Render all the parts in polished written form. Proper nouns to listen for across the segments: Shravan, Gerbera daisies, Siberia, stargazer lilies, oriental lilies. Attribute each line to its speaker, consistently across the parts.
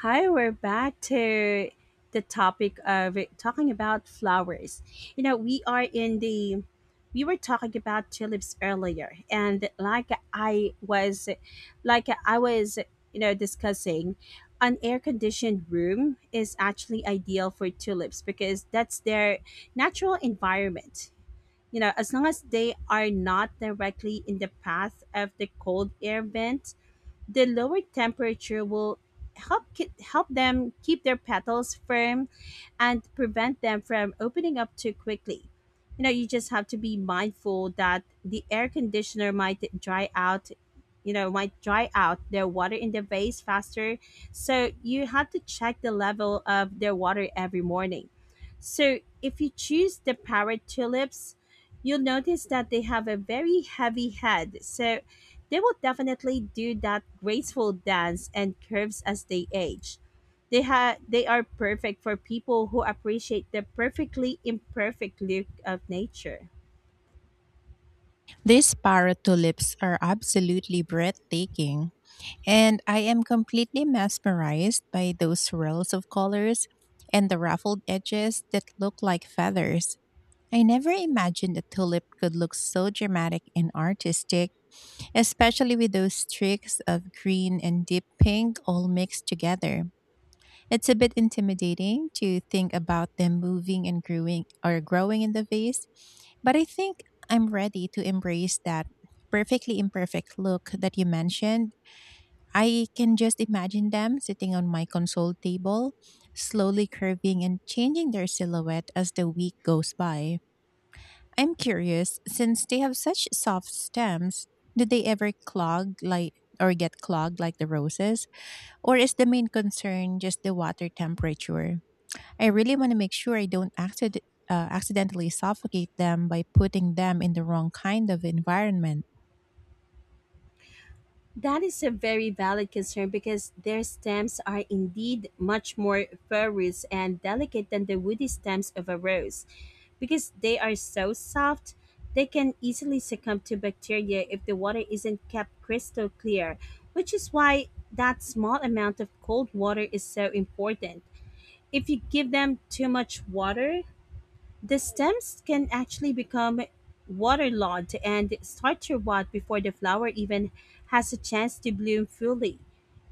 Speaker 1: Hi, we're back to the topic of talking about flowers. We are in the We were talking about tulips earlier, and like I was, you know, discussing, an air-conditioned room is actually ideal for tulips because that's their natural environment. You know, as long as they are not directly in the path of the cold air vent, the lower temperature will help them keep their petals firm and prevent them from opening up too quickly. You know, you just have to be mindful that the air conditioner might dry out, you know, might dry out their water in the vase faster. So you have to check the level of their water every morning. So if you choose the parrot tulips, you'll notice that they have a very heavy head. So they will definitely do that graceful dance and curves as they age. They are perfect for people who appreciate the perfectly imperfect look of nature.
Speaker 2: These parrot tulips are absolutely breathtaking, and I am completely mesmerized by those swirls of colors and the ruffled edges that look like feathers. I never imagined a tulip could look so dramatic and artistic, especially with those streaks of green and deep pink all mixed together. It's a bit intimidating to think about them moving and growing in the vase, but I think I'm ready to embrace that perfectly imperfect look that you mentioned. I can just imagine them sitting on my console table, slowly curving and changing their silhouette as the week goes by. I'm curious, since they have such soft stems, do they ever clog like or get clogged like the roses? Or is the main concern just the water temperature? I really want to make sure I don't accidentally suffocate them by putting them in the wrong kind of environment.
Speaker 1: That is a very valid concern because their stems are indeed much more ferrous and delicate than the woody stems of a rose. Because they are so soft, they can easily succumb to bacteria if the water isn't kept crystal clear, which is why that small amount of cold water is so important. If you give them too much water, the stems can actually become waterlogged and start to rot before the flower even has a chance to bloom fully.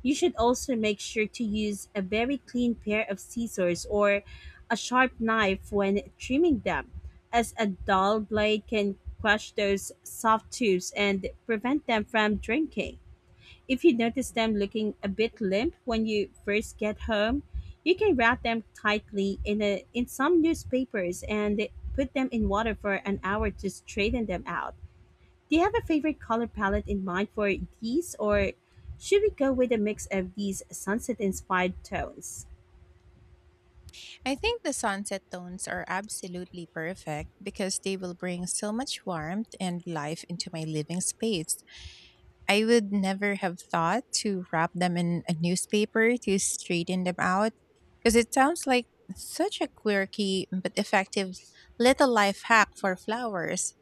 Speaker 1: You should also make sure to use a very clean pair of scissors or a sharp knife when trimming them, as a dull blade can crush those soft tubes and prevent them from drinking. If you notice them looking a bit limp when you first get home, you can wrap them tightly in a in some newspapers and put them in water for an hour to straighten them out. Do you have a favorite color palette in mind for these, or should we go with a mix of these sunset inspired tones?
Speaker 2: I think the sunset tones are absolutely perfect because they will bring so much warmth and life into my living space. I would never have thought to wrap them in a newspaper to straighten them out because it sounds like such a quirky but effective little life hack for flowers.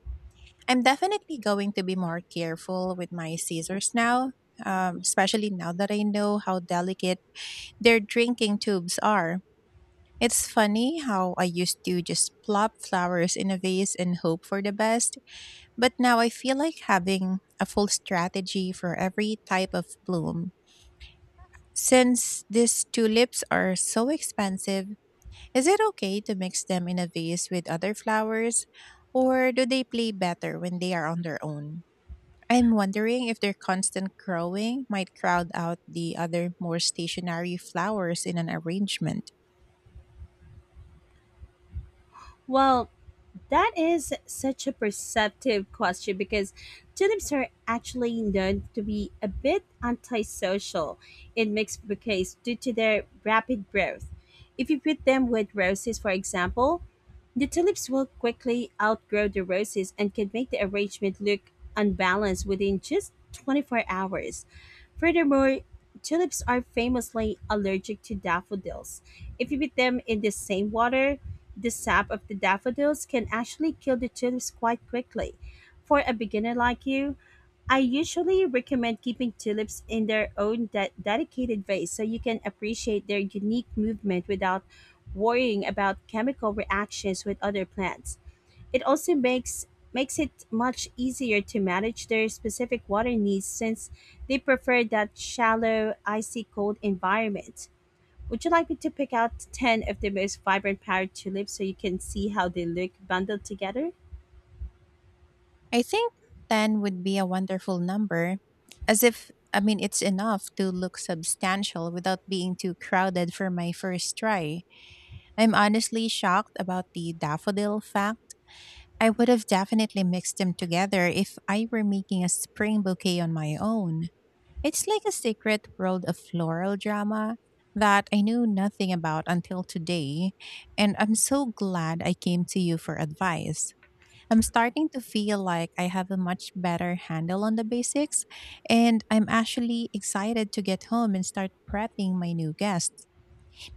Speaker 2: I'm definitely going to be more careful with my scissors now, especially now that I know how delicate their drinking tubes are. It's funny how I used to just plop flowers in a vase and hope for the best, but now I feel like having a full strategy for every type of bloom. Since these tulips are so expensive, is it okay to mix them in a vase with other flowers, or do they play better when they are on their own? I'm wondering if their constant growing might crowd out the other more stationary flowers in an arrangement.
Speaker 1: Well, that is such a perceptive question because tulips are actually known to be a bit antisocial in mixed bouquets due to their rapid growth. If you put them with roses, for example, the tulips will quickly outgrow the roses and can make the arrangement look unbalanced within just 24 hours. Furthermore, tulips are famously allergic to daffodils. If you put them in the same water, the sap of the daffodils can actually kill the tulips quite quickly. For a beginner like you, I usually recommend keeping tulips in their own dedicated vase so you can appreciate their unique movement without worrying about chemical reactions with other plants. It also makes it much easier to manage their specific water needs, since they prefer that shallow, icy cold environment. Would you like me to pick out 10 of the most vibrant power tulips so you can see how they look bundled together?
Speaker 2: I think 10 would be a wonderful number, as if, I mean, it's enough to look substantial without being too crowded for my first try. I'm honestly shocked about the daffodil fact. I would have definitely mixed them together if I were making a spring bouquet on my own. It's like a secret world of floral drama that I knew nothing about until today, and I'm so glad I came to you for advice. I'm starting to feel like I have a much better handle on the basics, and I'm actually excited to get home and start prepping my new guests.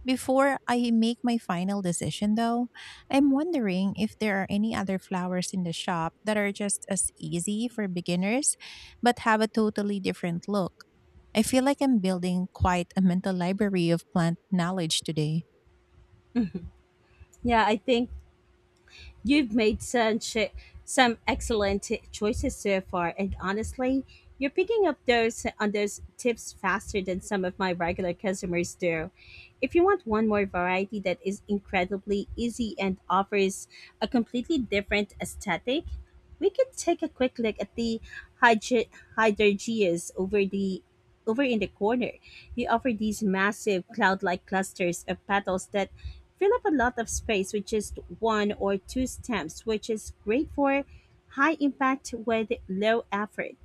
Speaker 2: Before I make my final decision, though, I'm wondering if there are any other flowers in the shop that are just as easy for beginners but have a totally different look. I feel like I'm building quite a mental library of plant knowledge today.
Speaker 1: Yeah, I think You've made such some excellent choices so far, and honestly, you're picking up those tips faster than some of my regular customers do. If you want one more variety that is incredibly easy and offers a completely different aesthetic, we could take a quick look at the hydra- hydrangeas over in the corner. They offer these massive cloud-like clusters of petals that fill up a lot of space with just one or two stems, which is great for high impact with low effort.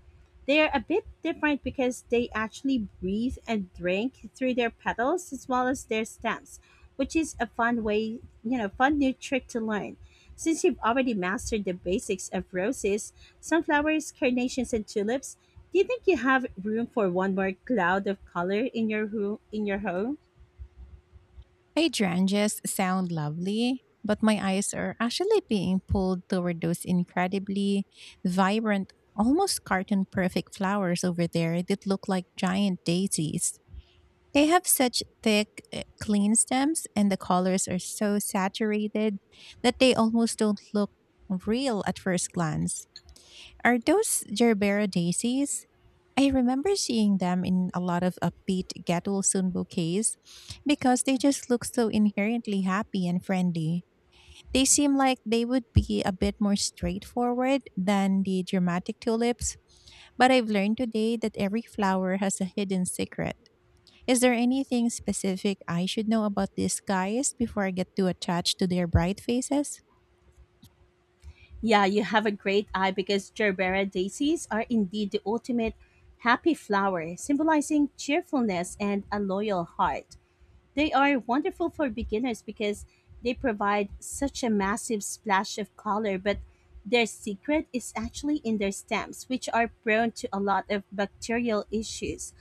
Speaker 1: They are a bit different because they actually breathe and drink through their petals as well as their stems, which is a fun way, you know, fun new trick to learn. Since you've already mastered the basics of roses, sunflowers, carnations, and tulips, do you think you have room for one more cloud of color in your in your home?
Speaker 2: Hydrangeas sound lovely, but my eyes are actually being pulled toward those incredibly vibrant, almost cartoon perfect flowers over there that look like giant daisies. They have such thick, clean stems, and the colors are so saturated that they almost don't look real at first glance. Are those gerbera daisies? I remember seeing them in a lot of upbeat get well soon bouquets because they just look so inherently happy and friendly. They seem like they would be a bit more straightforward than the dramatic tulips, but I've learned today that every flower has a hidden secret. Is there anything specific I should know about these guys before I get too attached to their bright faces?
Speaker 1: Yeah, you have a great eye, because Gerbera daisies are indeed the ultimate happy flower, symbolizing cheerfulness and a loyal heart. They are wonderful for beginners because they provide such a massive splash of color, but their secret is actually in their stems, which are prone to a lot of bacterial issues.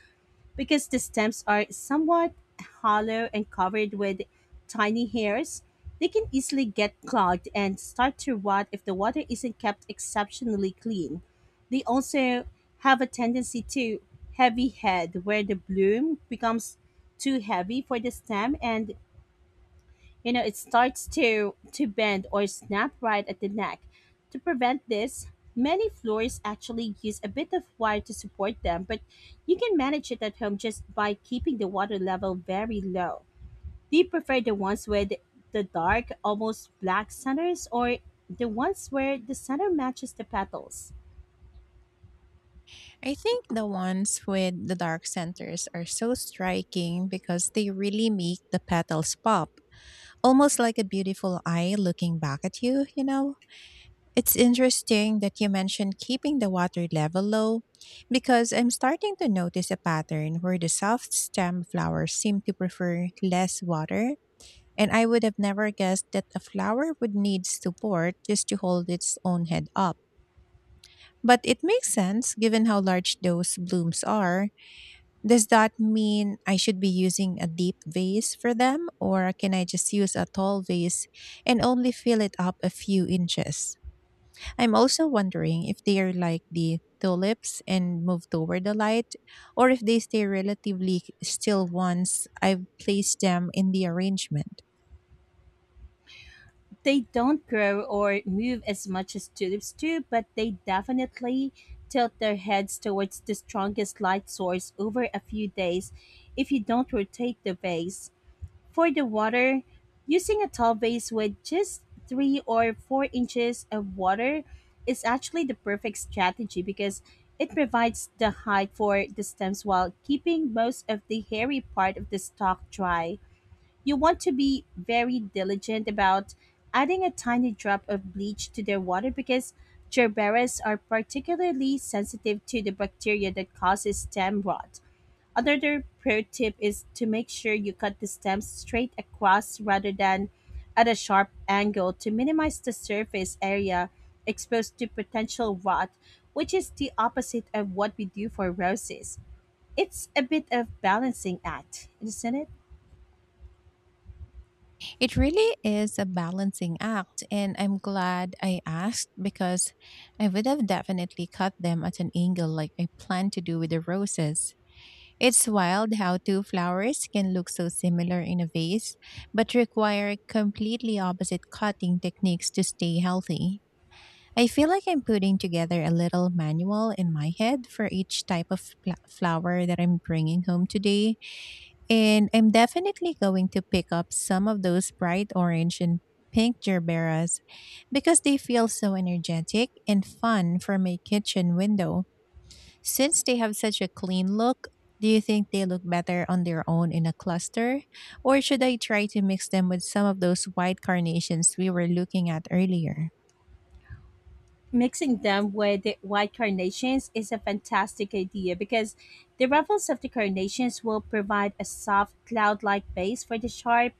Speaker 1: Because the stems are somewhat hollow and covered with tiny hairs, they can easily get clogged and start to rot if the water isn't kept exceptionally clean. They also have a tendency to heavy head, where the bloom becomes too heavy for the stem and, you know, it starts to bend or snap right at the neck. To prevent this, many floors actually use a bit of wire to support them, but you can manage it at home just by keeping the water level very low. Do you prefer the ones with the dark, almost black centers, or the ones where the center matches the petals?
Speaker 2: I think the ones with the dark centers are so striking because they really make the petals pop, almost like a beautiful eye looking back at you, you know? It's interesting that you mentioned keeping the water level low because I'm starting to notice a pattern where the soft stem flowers seem to prefer less water. And I would have never guessed that a flower would need support just to hold its own head up. But it makes sense given how large those blooms are. Does that mean I should be using a deep vase for them, or can I just use a tall vase and only fill it up a few inches? I'm also wondering if they are like the tulips and move toward the light, or if they stay relatively still once I've placed them in the arrangement.
Speaker 1: They don't grow or move as much as tulips do, but they definitely tilt their heads towards the strongest light source over a few days if you don't rotate the vase. For the water, using a tall vase with just 3 or 4 inches of water is actually the perfect strategy, because it provides the height for the stems while keeping most of the hairy part of the stalk dry. You want to be very diligent about adding a tiny drop of bleach to their water, because gerberas are particularly sensitive to the bacteria that causes stem rot. Another pro tip is to make sure you cut the stems straight across rather than at a sharp angle, to minimize the surface area exposed to potential rot, which is the opposite of what we do for roses. It's a bit of balancing act, isn't it?
Speaker 2: It really is a balancing act, and I'm glad I asked because I would have definitely cut them at an angle like I planned to do with the roses. It's wild how two flowers can look so similar in a vase, but require completely opposite cutting techniques to stay healthy. I feel like I'm putting together a little manual in my head for each type of flower that I'm bringing home today, and I'm definitely going to pick up some of those bright orange and pink gerberas because they feel so energetic and fun from my kitchen window. Since they have such a clean look, do you think they look better on their own in a cluster? Or should I try to mix them with some of those white carnations we were looking at earlier?
Speaker 1: Mixing them with the white carnations is a fantastic idea, because the ruffles of the carnations will provide a soft cloud-like base for the sharp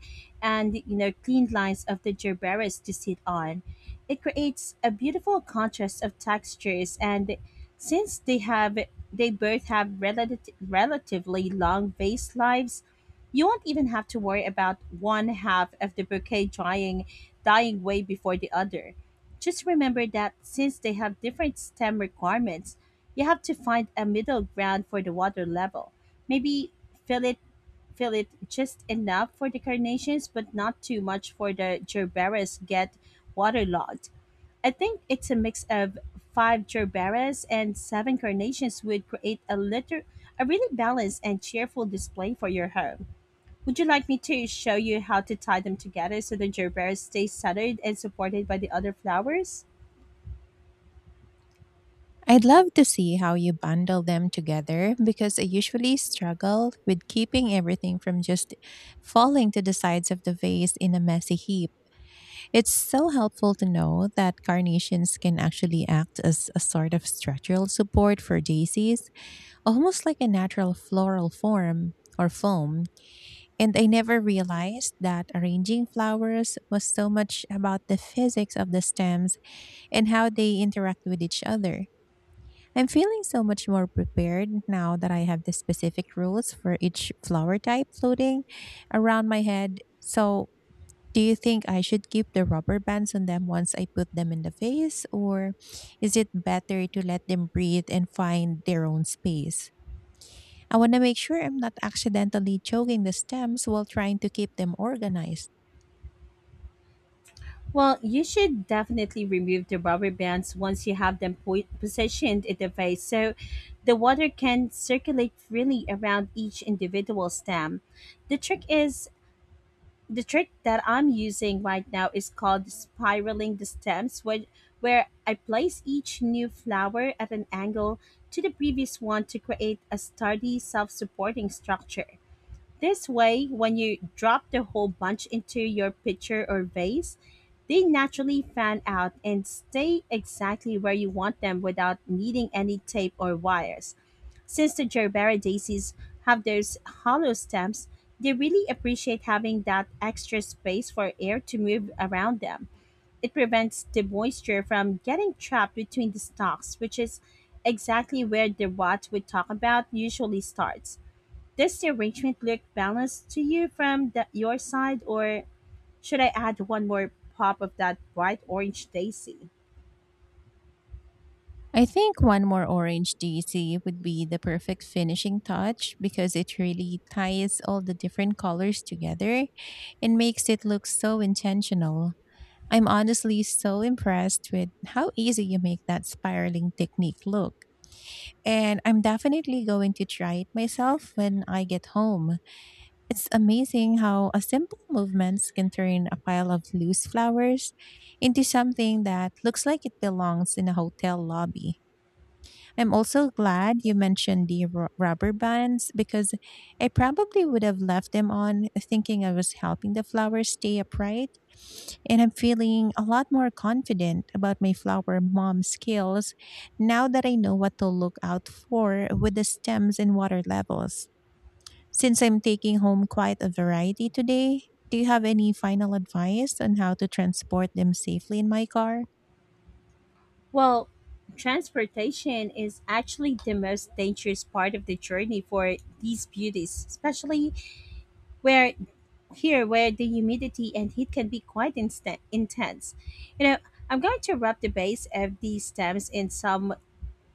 Speaker 1: and, you know, clean lines of the gerberas to sit on. It creates a beautiful contrast of textures, and since they both have relatively long vase lives, you won't even have to worry about one half of the bouquet drying dying way before the other. Just remember that since they have different STEM requirements, you have to find a middle ground for the water level. Maybe fill it fill it just enough for the carnations but not too much for the gerberas get waterlogged. I think it's a mix of 5 gerberas and 7 carnations would create a really balanced and cheerful display for your home. Would you like me to show you how to tie them together so the gerbera stays centered and supported by the other flowers?
Speaker 2: I'd love to see how you bundle them together because I usually struggle with keeping everything from just falling to the sides of the vase in a messy heap. It's so helpful to know that carnations can actually act as a sort of structural support for daisies, almost like a natural floral form or foam. And I never realized that arranging flowers was so much about the physics of the stems and how they interact with each other. I'm feeling so much more prepared now that I have the specific rules for each flower type floating around my head. So, do you think I should keep the rubber bands on them once I put them in the vase, or is it better to let them breathe and find their own space? I want to make sure I'm not accidentally choking the stems while trying to keep them organized.
Speaker 1: Well, you should definitely remove the rubber bands once you have them positioned in the vase, so the water can circulate freely around each individual stem. The trick is the trick that I'm using right now is called spiraling the stems, where, I place each new flower at an angle to the previous one to create a sturdy self-supporting structure. This way, when you drop the whole bunch into your pitcher or vase, they naturally fan out and stay exactly where you want them without needing any tape or wires. Since the gerbera daisies have those hollow stems, they really appreciate having that extra space for air to move around them. It prevents the moisture from getting trapped between the stalks, which is exactly where the rot we talk about usually starts. Does the arrangement look balanced to you from your side, or should I add one more pop of that bright orange daisy?
Speaker 2: I think one more orange DC would be the perfect finishing touch because it really ties all the different colors together and makes it look so intentional. I'm honestly so impressed with how easy you make that spiraling technique look. And I'm definitely going to try it myself when I get home. It's amazing how a simple movements can turn a pile of loose flowers into something that looks like it belongs in a hotel lobby. I'm also glad you mentioned the rubber bands because I probably would have left them on thinking I was helping the flowers stay upright. And I'm feeling a lot more confident about my flower mom skills now that I know what to look out for with the stems and water levels. Since I'm taking home quite a variety today, do you have any final advice on how to transport them safely in my car?
Speaker 1: Well, transportation is actually the most dangerous part of the journey for these beauties, especially where here, where the humidity and heat can be quite intense. You know, I'm going to wrap the base of these stems in some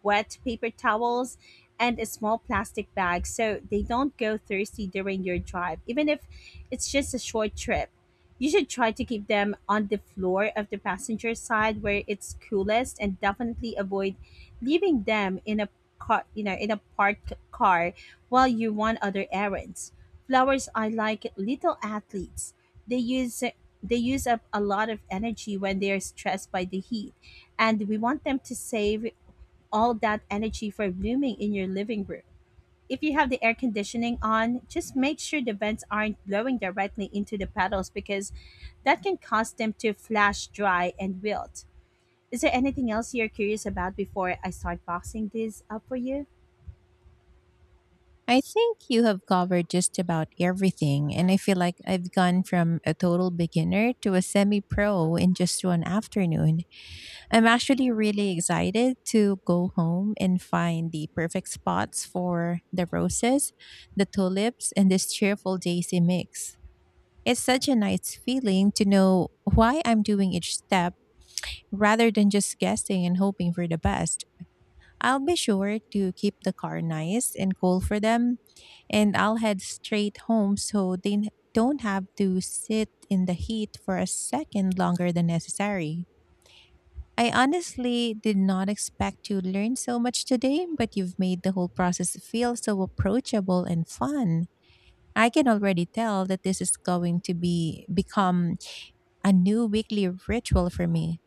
Speaker 1: wet paper towels, and a small plastic bag, so they don't go thirsty during your drive, even if it's just a short trip. You should try to keep them on the floor of the passenger side where it's coolest, and definitely avoid leaving them in a in a parked car while you run other errands. Flowers are like little athletes. They use they use up a lot of energy when they are stressed by the heat, and we want them to save all that energy for blooming in your living room. If you have the air conditioning on, just make sure the vents aren't blowing directly into the petals, because that can cause them to flash dry and wilt. Is there anything else you're curious about before I start boxing these up for you?
Speaker 2: I think you have covered just about everything, and I feel like I've gone from a total beginner to a semi pro in just one afternoon. I'm actually really excited to go home and find the perfect spots for the roses, the tulips, and this cheerful daisy mix. It's such a nice feeling to know why I'm doing each step rather than just guessing and hoping for the best. I'll be sure to keep the car nice and cool for them, and I'll head straight home so they don't have to sit in the heat for a second longer than necessary. I honestly did not expect to learn so much today, but you've made the whole process feel so approachable and fun. I can already tell that this is going to be become a new weekly ritual for me.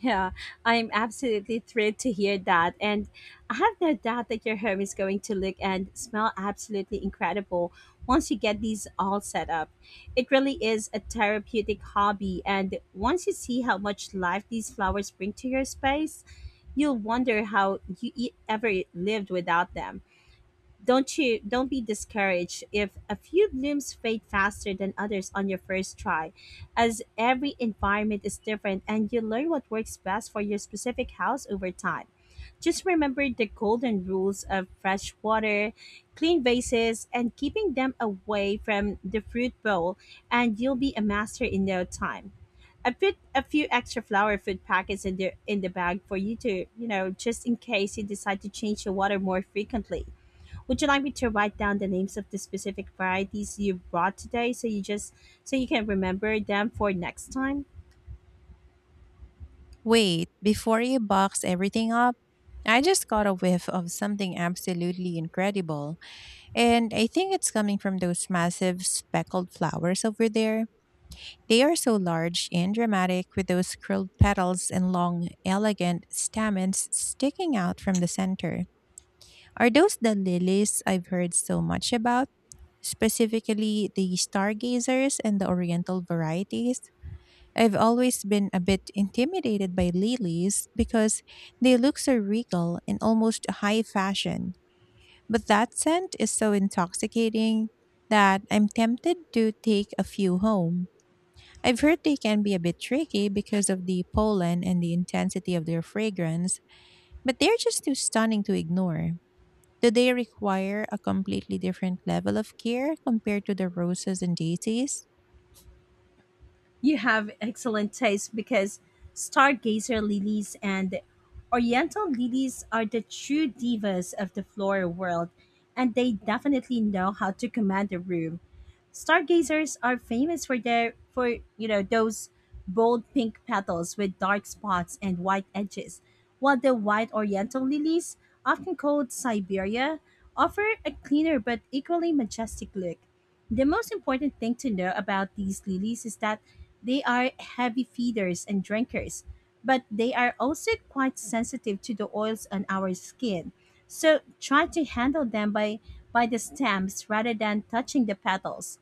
Speaker 1: Yeah, I'm absolutely thrilled to hear that. And I have no doubt that your home is going to look and smell absolutely incredible once you get these all set up. It really is a therapeutic hobby. And once you see how much life these flowers bring to your space, you'll wonder how you ever lived without them. Don't be discouraged if a few blooms fade faster than others on your first try, as every environment is different and you learn what works best for your specific house over time. Just remember the golden rules of fresh water, clean vases, and keeping them away from the fruit bowl, and you'll be a master in no time. I put a few extra flower food packets in the bag for you to, just in case you decide to change the water more frequently. Would you like me to write down the names of the specific varieties you brought today so you can remember them for next time?
Speaker 2: Wait, before you box everything up, I just got a whiff of something absolutely incredible, and I think it's coming from those massive speckled flowers over there. They are so large and dramatic with those curled petals and long, elegant stamens sticking out from the center. Are those the lilies I've heard so much about? Specifically, the stargazers and the oriental varieties? I've always been a bit intimidated by lilies because they look so regal and almost high fashion. But that scent is so intoxicating that I'm tempted to take a few home. I've heard they can be a bit tricky because of the pollen and the intensity of their fragrance, but they're just too stunning to ignore. Do they require a completely different level of care compared to the roses and daisies?
Speaker 1: You have excellent taste because stargazer lilies and oriental lilies are the true divas of the floral world, and they definitely know how to command a room. Stargazers are famous for their for you know those bold pink petals with dark spots and white edges, while the white oriental lilies, often called Siberia, offer a cleaner but equally majestic look. The most important thing to know about these lilies is that they are heavy feeders and drinkers, but they are also quite sensitive to the oils on our skin. So try to handle them by the stems rather than touching the petals.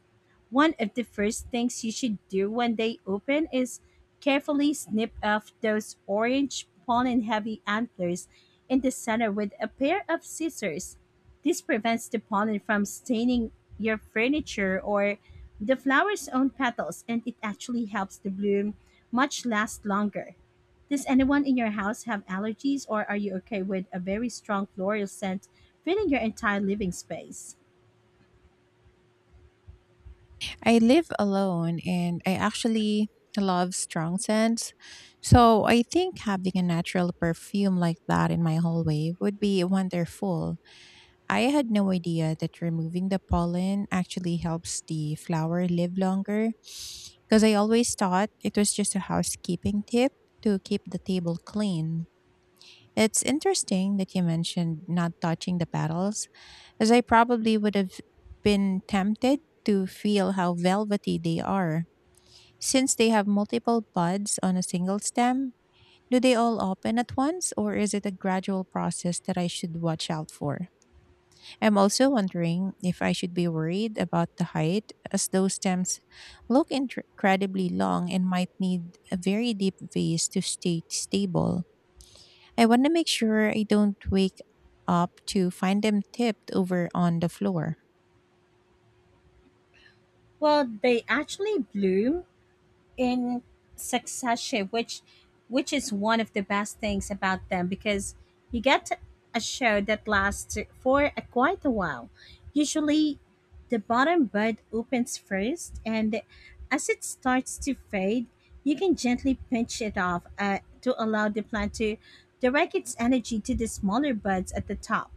Speaker 1: One of the first things you should do when they open is carefully snip off those orange pollen heavy antlers in the center with a pair of scissors. This prevents the pollen from staining your furniture or the flower's own petals, and it actually helps the bloom much last longer. Does anyone in your house have allergies, or are you okay with a very strong floral scent filling your entire living space?
Speaker 2: I live alone, and I actually love strong scents. So I think having a natural perfume like that in my hallway would be wonderful. I had no idea that removing the pollen actually helps the flower live longer, because I always thought it was just a housekeeping tip to keep the table clean. It's interesting that you mentioned not touching the petals, as I probably would have been tempted to feel how velvety they are. Since they have multiple buds on a single stem, do they all open at once, or is it a gradual process that I should watch out for? I'm also wondering if I should be worried about the height, as those stems look incredibly long and might need a very deep vase to stay stable. I want to make sure I don't wake up to find them tipped over on the floor.
Speaker 1: Well, they actually bloom in succession, which is one of the best things about them, because you get a show that lasts for a, quite a while. Usually the bottom bud opens first, and as it starts to fade you can gently pinch it off to allow the plant to direct its energy to the smaller buds at the top.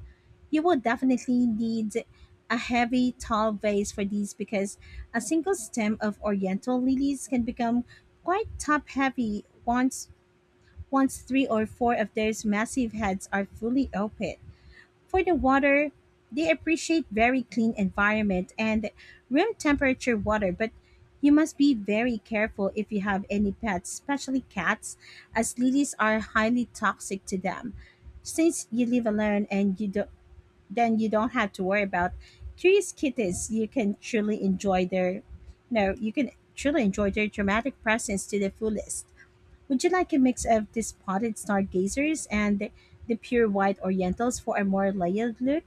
Speaker 1: You will definitely need a heavy, tall vase for these, because a single stem of oriental lilies can become quite top heavy once three or four of their massive heads are fully open. For the water, they appreciate very clean environment and room temperature water, but you must be very careful if you have any pets, especially cats, as lilies are highly toxic to them. Since you live alone, and you do, then you don't have to worry about curious kittens. You can truly enjoy their, you know, you can truly enjoy their dramatic presence to the fullest. Would you like a mix of the spotted stargazers and the pure white orientals for a more layered look?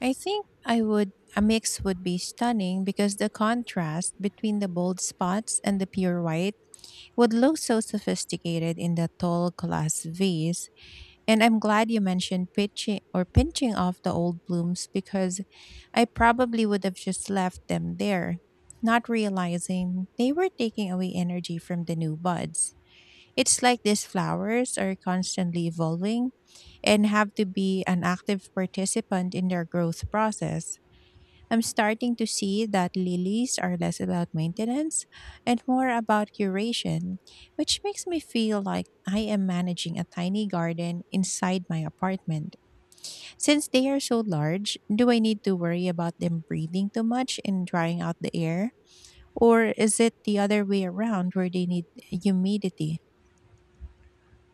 Speaker 2: I think I would, a mix would be stunning, because the contrast between the bold spots and the pure white would look so sophisticated in the tall glass vase. And I'm glad you mentioned pitching or pinching off the old blooms, because I probably would have just left them there, not realizing they were taking away energy from the new buds. It's like these flowers are constantly evolving and have to be an active participant in their growth process. I'm starting to see that lilies are less about maintenance and more about curation, which makes me feel like I am managing a tiny garden inside my apartment. Since they are so large, do I need to worry about them breathing too much and drying out the air? Or is it the other way around, where they need humidity?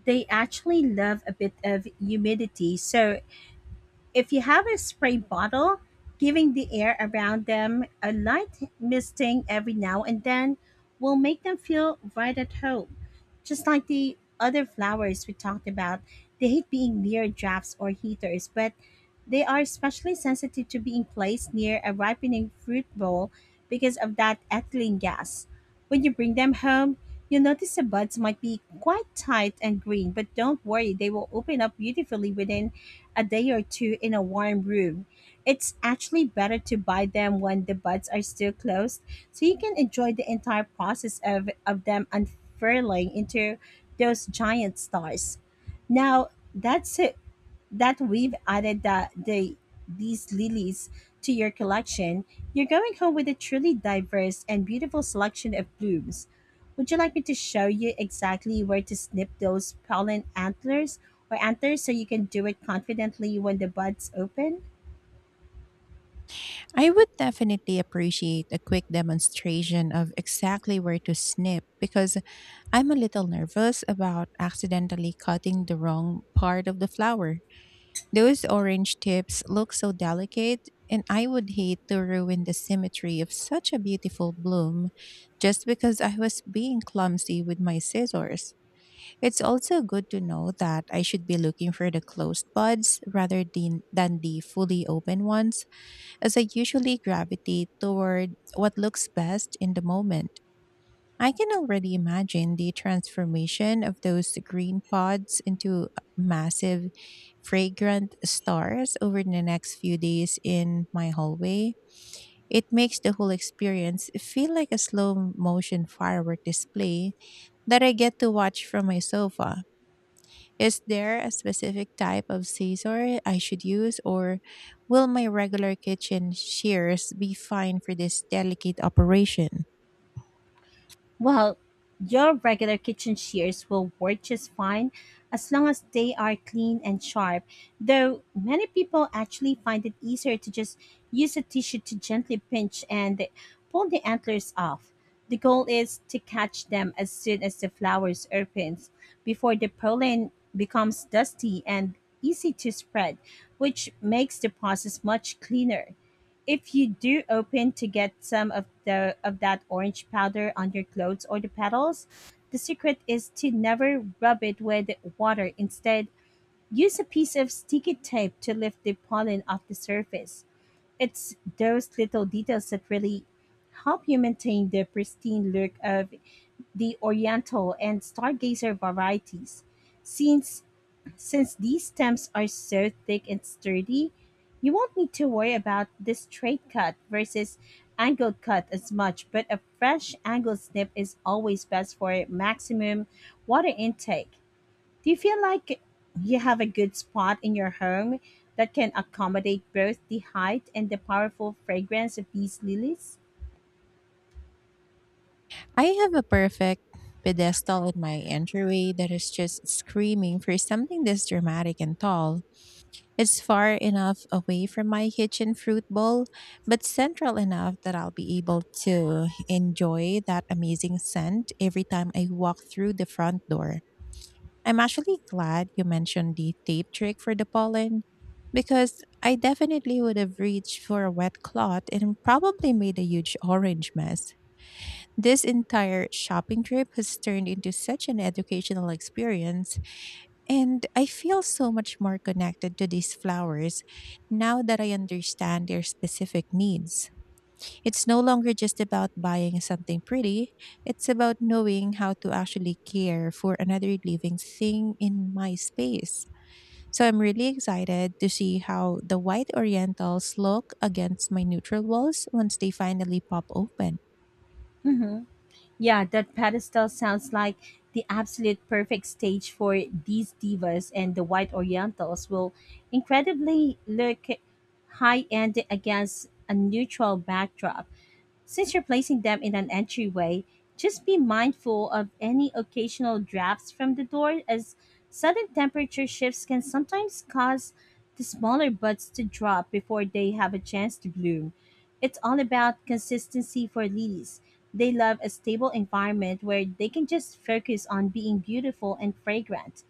Speaker 1: They actually love a bit of humidity, so if you have a spray bottle, giving the air around them a light misting every now and then will make them feel right at home. Just like the other flowers we talked about, they hate being near drafts or heaters, but they are especially sensitive to being placed near a ripening fruit bowl because of that ethylene gas. When you bring them home, you'll notice the buds might be quite tight and green, but don't worry, they will open up beautifully within a day or two in a warm room. It's actually better to buy them when the buds are still closed, so you can enjoy the entire process of them unfurling into those giant stars. Now, that's that we've added that the these lilies to your collection, you're going home with a truly diverse and beautiful selection of blooms. Would you like me to show you exactly where to snip those pollen antlers or antlers so you can do it confidently when the buds open?
Speaker 2: I would definitely appreciate a quick demonstration of exactly where to snip, because I'm a little nervous about accidentally cutting the wrong part of the flower. Those orange tips look so delicate, and I would hate to ruin the symmetry of such a beautiful bloom just because I was being clumsy with my scissors. It's also good to know that I should be looking for the closed buds rather than the fully open ones, as I usually gravitate toward what looks best in the moment. I can already imagine the transformation of those green pods into massive, fragrant stars over the next few days in my hallway. It makes the whole experience feel like a slow motion firework display that I get to watch from my sofa. Is there a specific type of scissor I should use, or will my regular kitchen shears be fine for this delicate operation?
Speaker 1: Well, your regular kitchen shears will work just fine as long as they are clean and sharp, though many people actually find it easier to just use a tissue to gently pinch and pull the antlers off. The goal is to catch them as soon as the flowers opens, before the pollen becomes dusty and easy to spread, which makes the process much cleaner. If you do open to get some of that orange powder on your clothes or the petals, the secret is to never rub it with water. Instead, use a piece of sticky tape to lift the pollen off the surface. It's those little details that really help you maintain the pristine look of the oriental and stargazer varieties. Since since these stems are so thick and sturdy, you won't need to worry about this straight cut versus angled cut as much, but a fresh angled snip is always best for maximum water intake. Do you feel like you have a good spot in your home that can accommodate both the height and the powerful fragrance of these lilies?
Speaker 2: I have a perfect pedestal in my entryway that is just screaming for something this dramatic and tall. It's far enough away from my kitchen fruit bowl, but central enough that I'll be able to enjoy that amazing scent every time I walk through the front door. I'm actually glad you mentioned the tape trick for the pollen, because I definitely would have reached for a wet cloth and probably made a huge orange mess. This entire shopping trip has turned into such an educational experience, and I feel so much more connected to these flowers now that I understand their specific needs. It's no longer just about buying something pretty; it's about knowing how to actually care for another living thing in my space. So I'm really excited to see how the white orientals look against my neutral walls once they finally pop open.
Speaker 1: Mhm. Yeah, that pedestal sounds like the absolute perfect stage for these divas, and the white orientals will incredibly look high end against a neutral backdrop. Since you're placing them in an entryway, just be mindful of any occasional drafts from the door, as sudden temperature shifts can sometimes cause the smaller buds to drop before they have a chance to bloom. It's all about consistency for lilies. They love a stable environment where they can just focus on being beautiful and fragrant.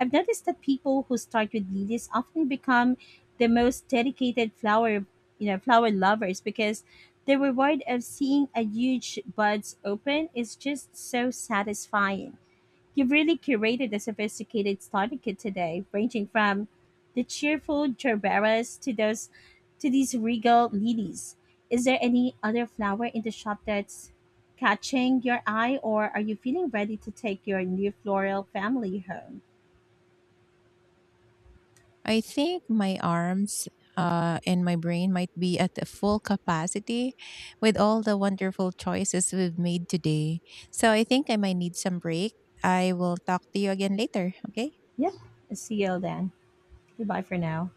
Speaker 1: I've noticed that people who start with lilies often become the most dedicated flower lovers, because the reward of seeing a huge buds open is just so satisfying. You've really curated a sophisticated starter kit today, ranging from the cheerful gerberas to those to these regal lilies. Is there any other flower in the shop that's catching your eye, or are you feeling ready to take your new floral family home?
Speaker 2: I think my arms and my brain might be at the full capacity with all the wonderful choices we've made today. So I think I might need some break. I will talk to you again later. Okay.
Speaker 1: Yep. See you then. Goodbye for now.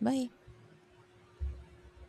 Speaker 2: Bye.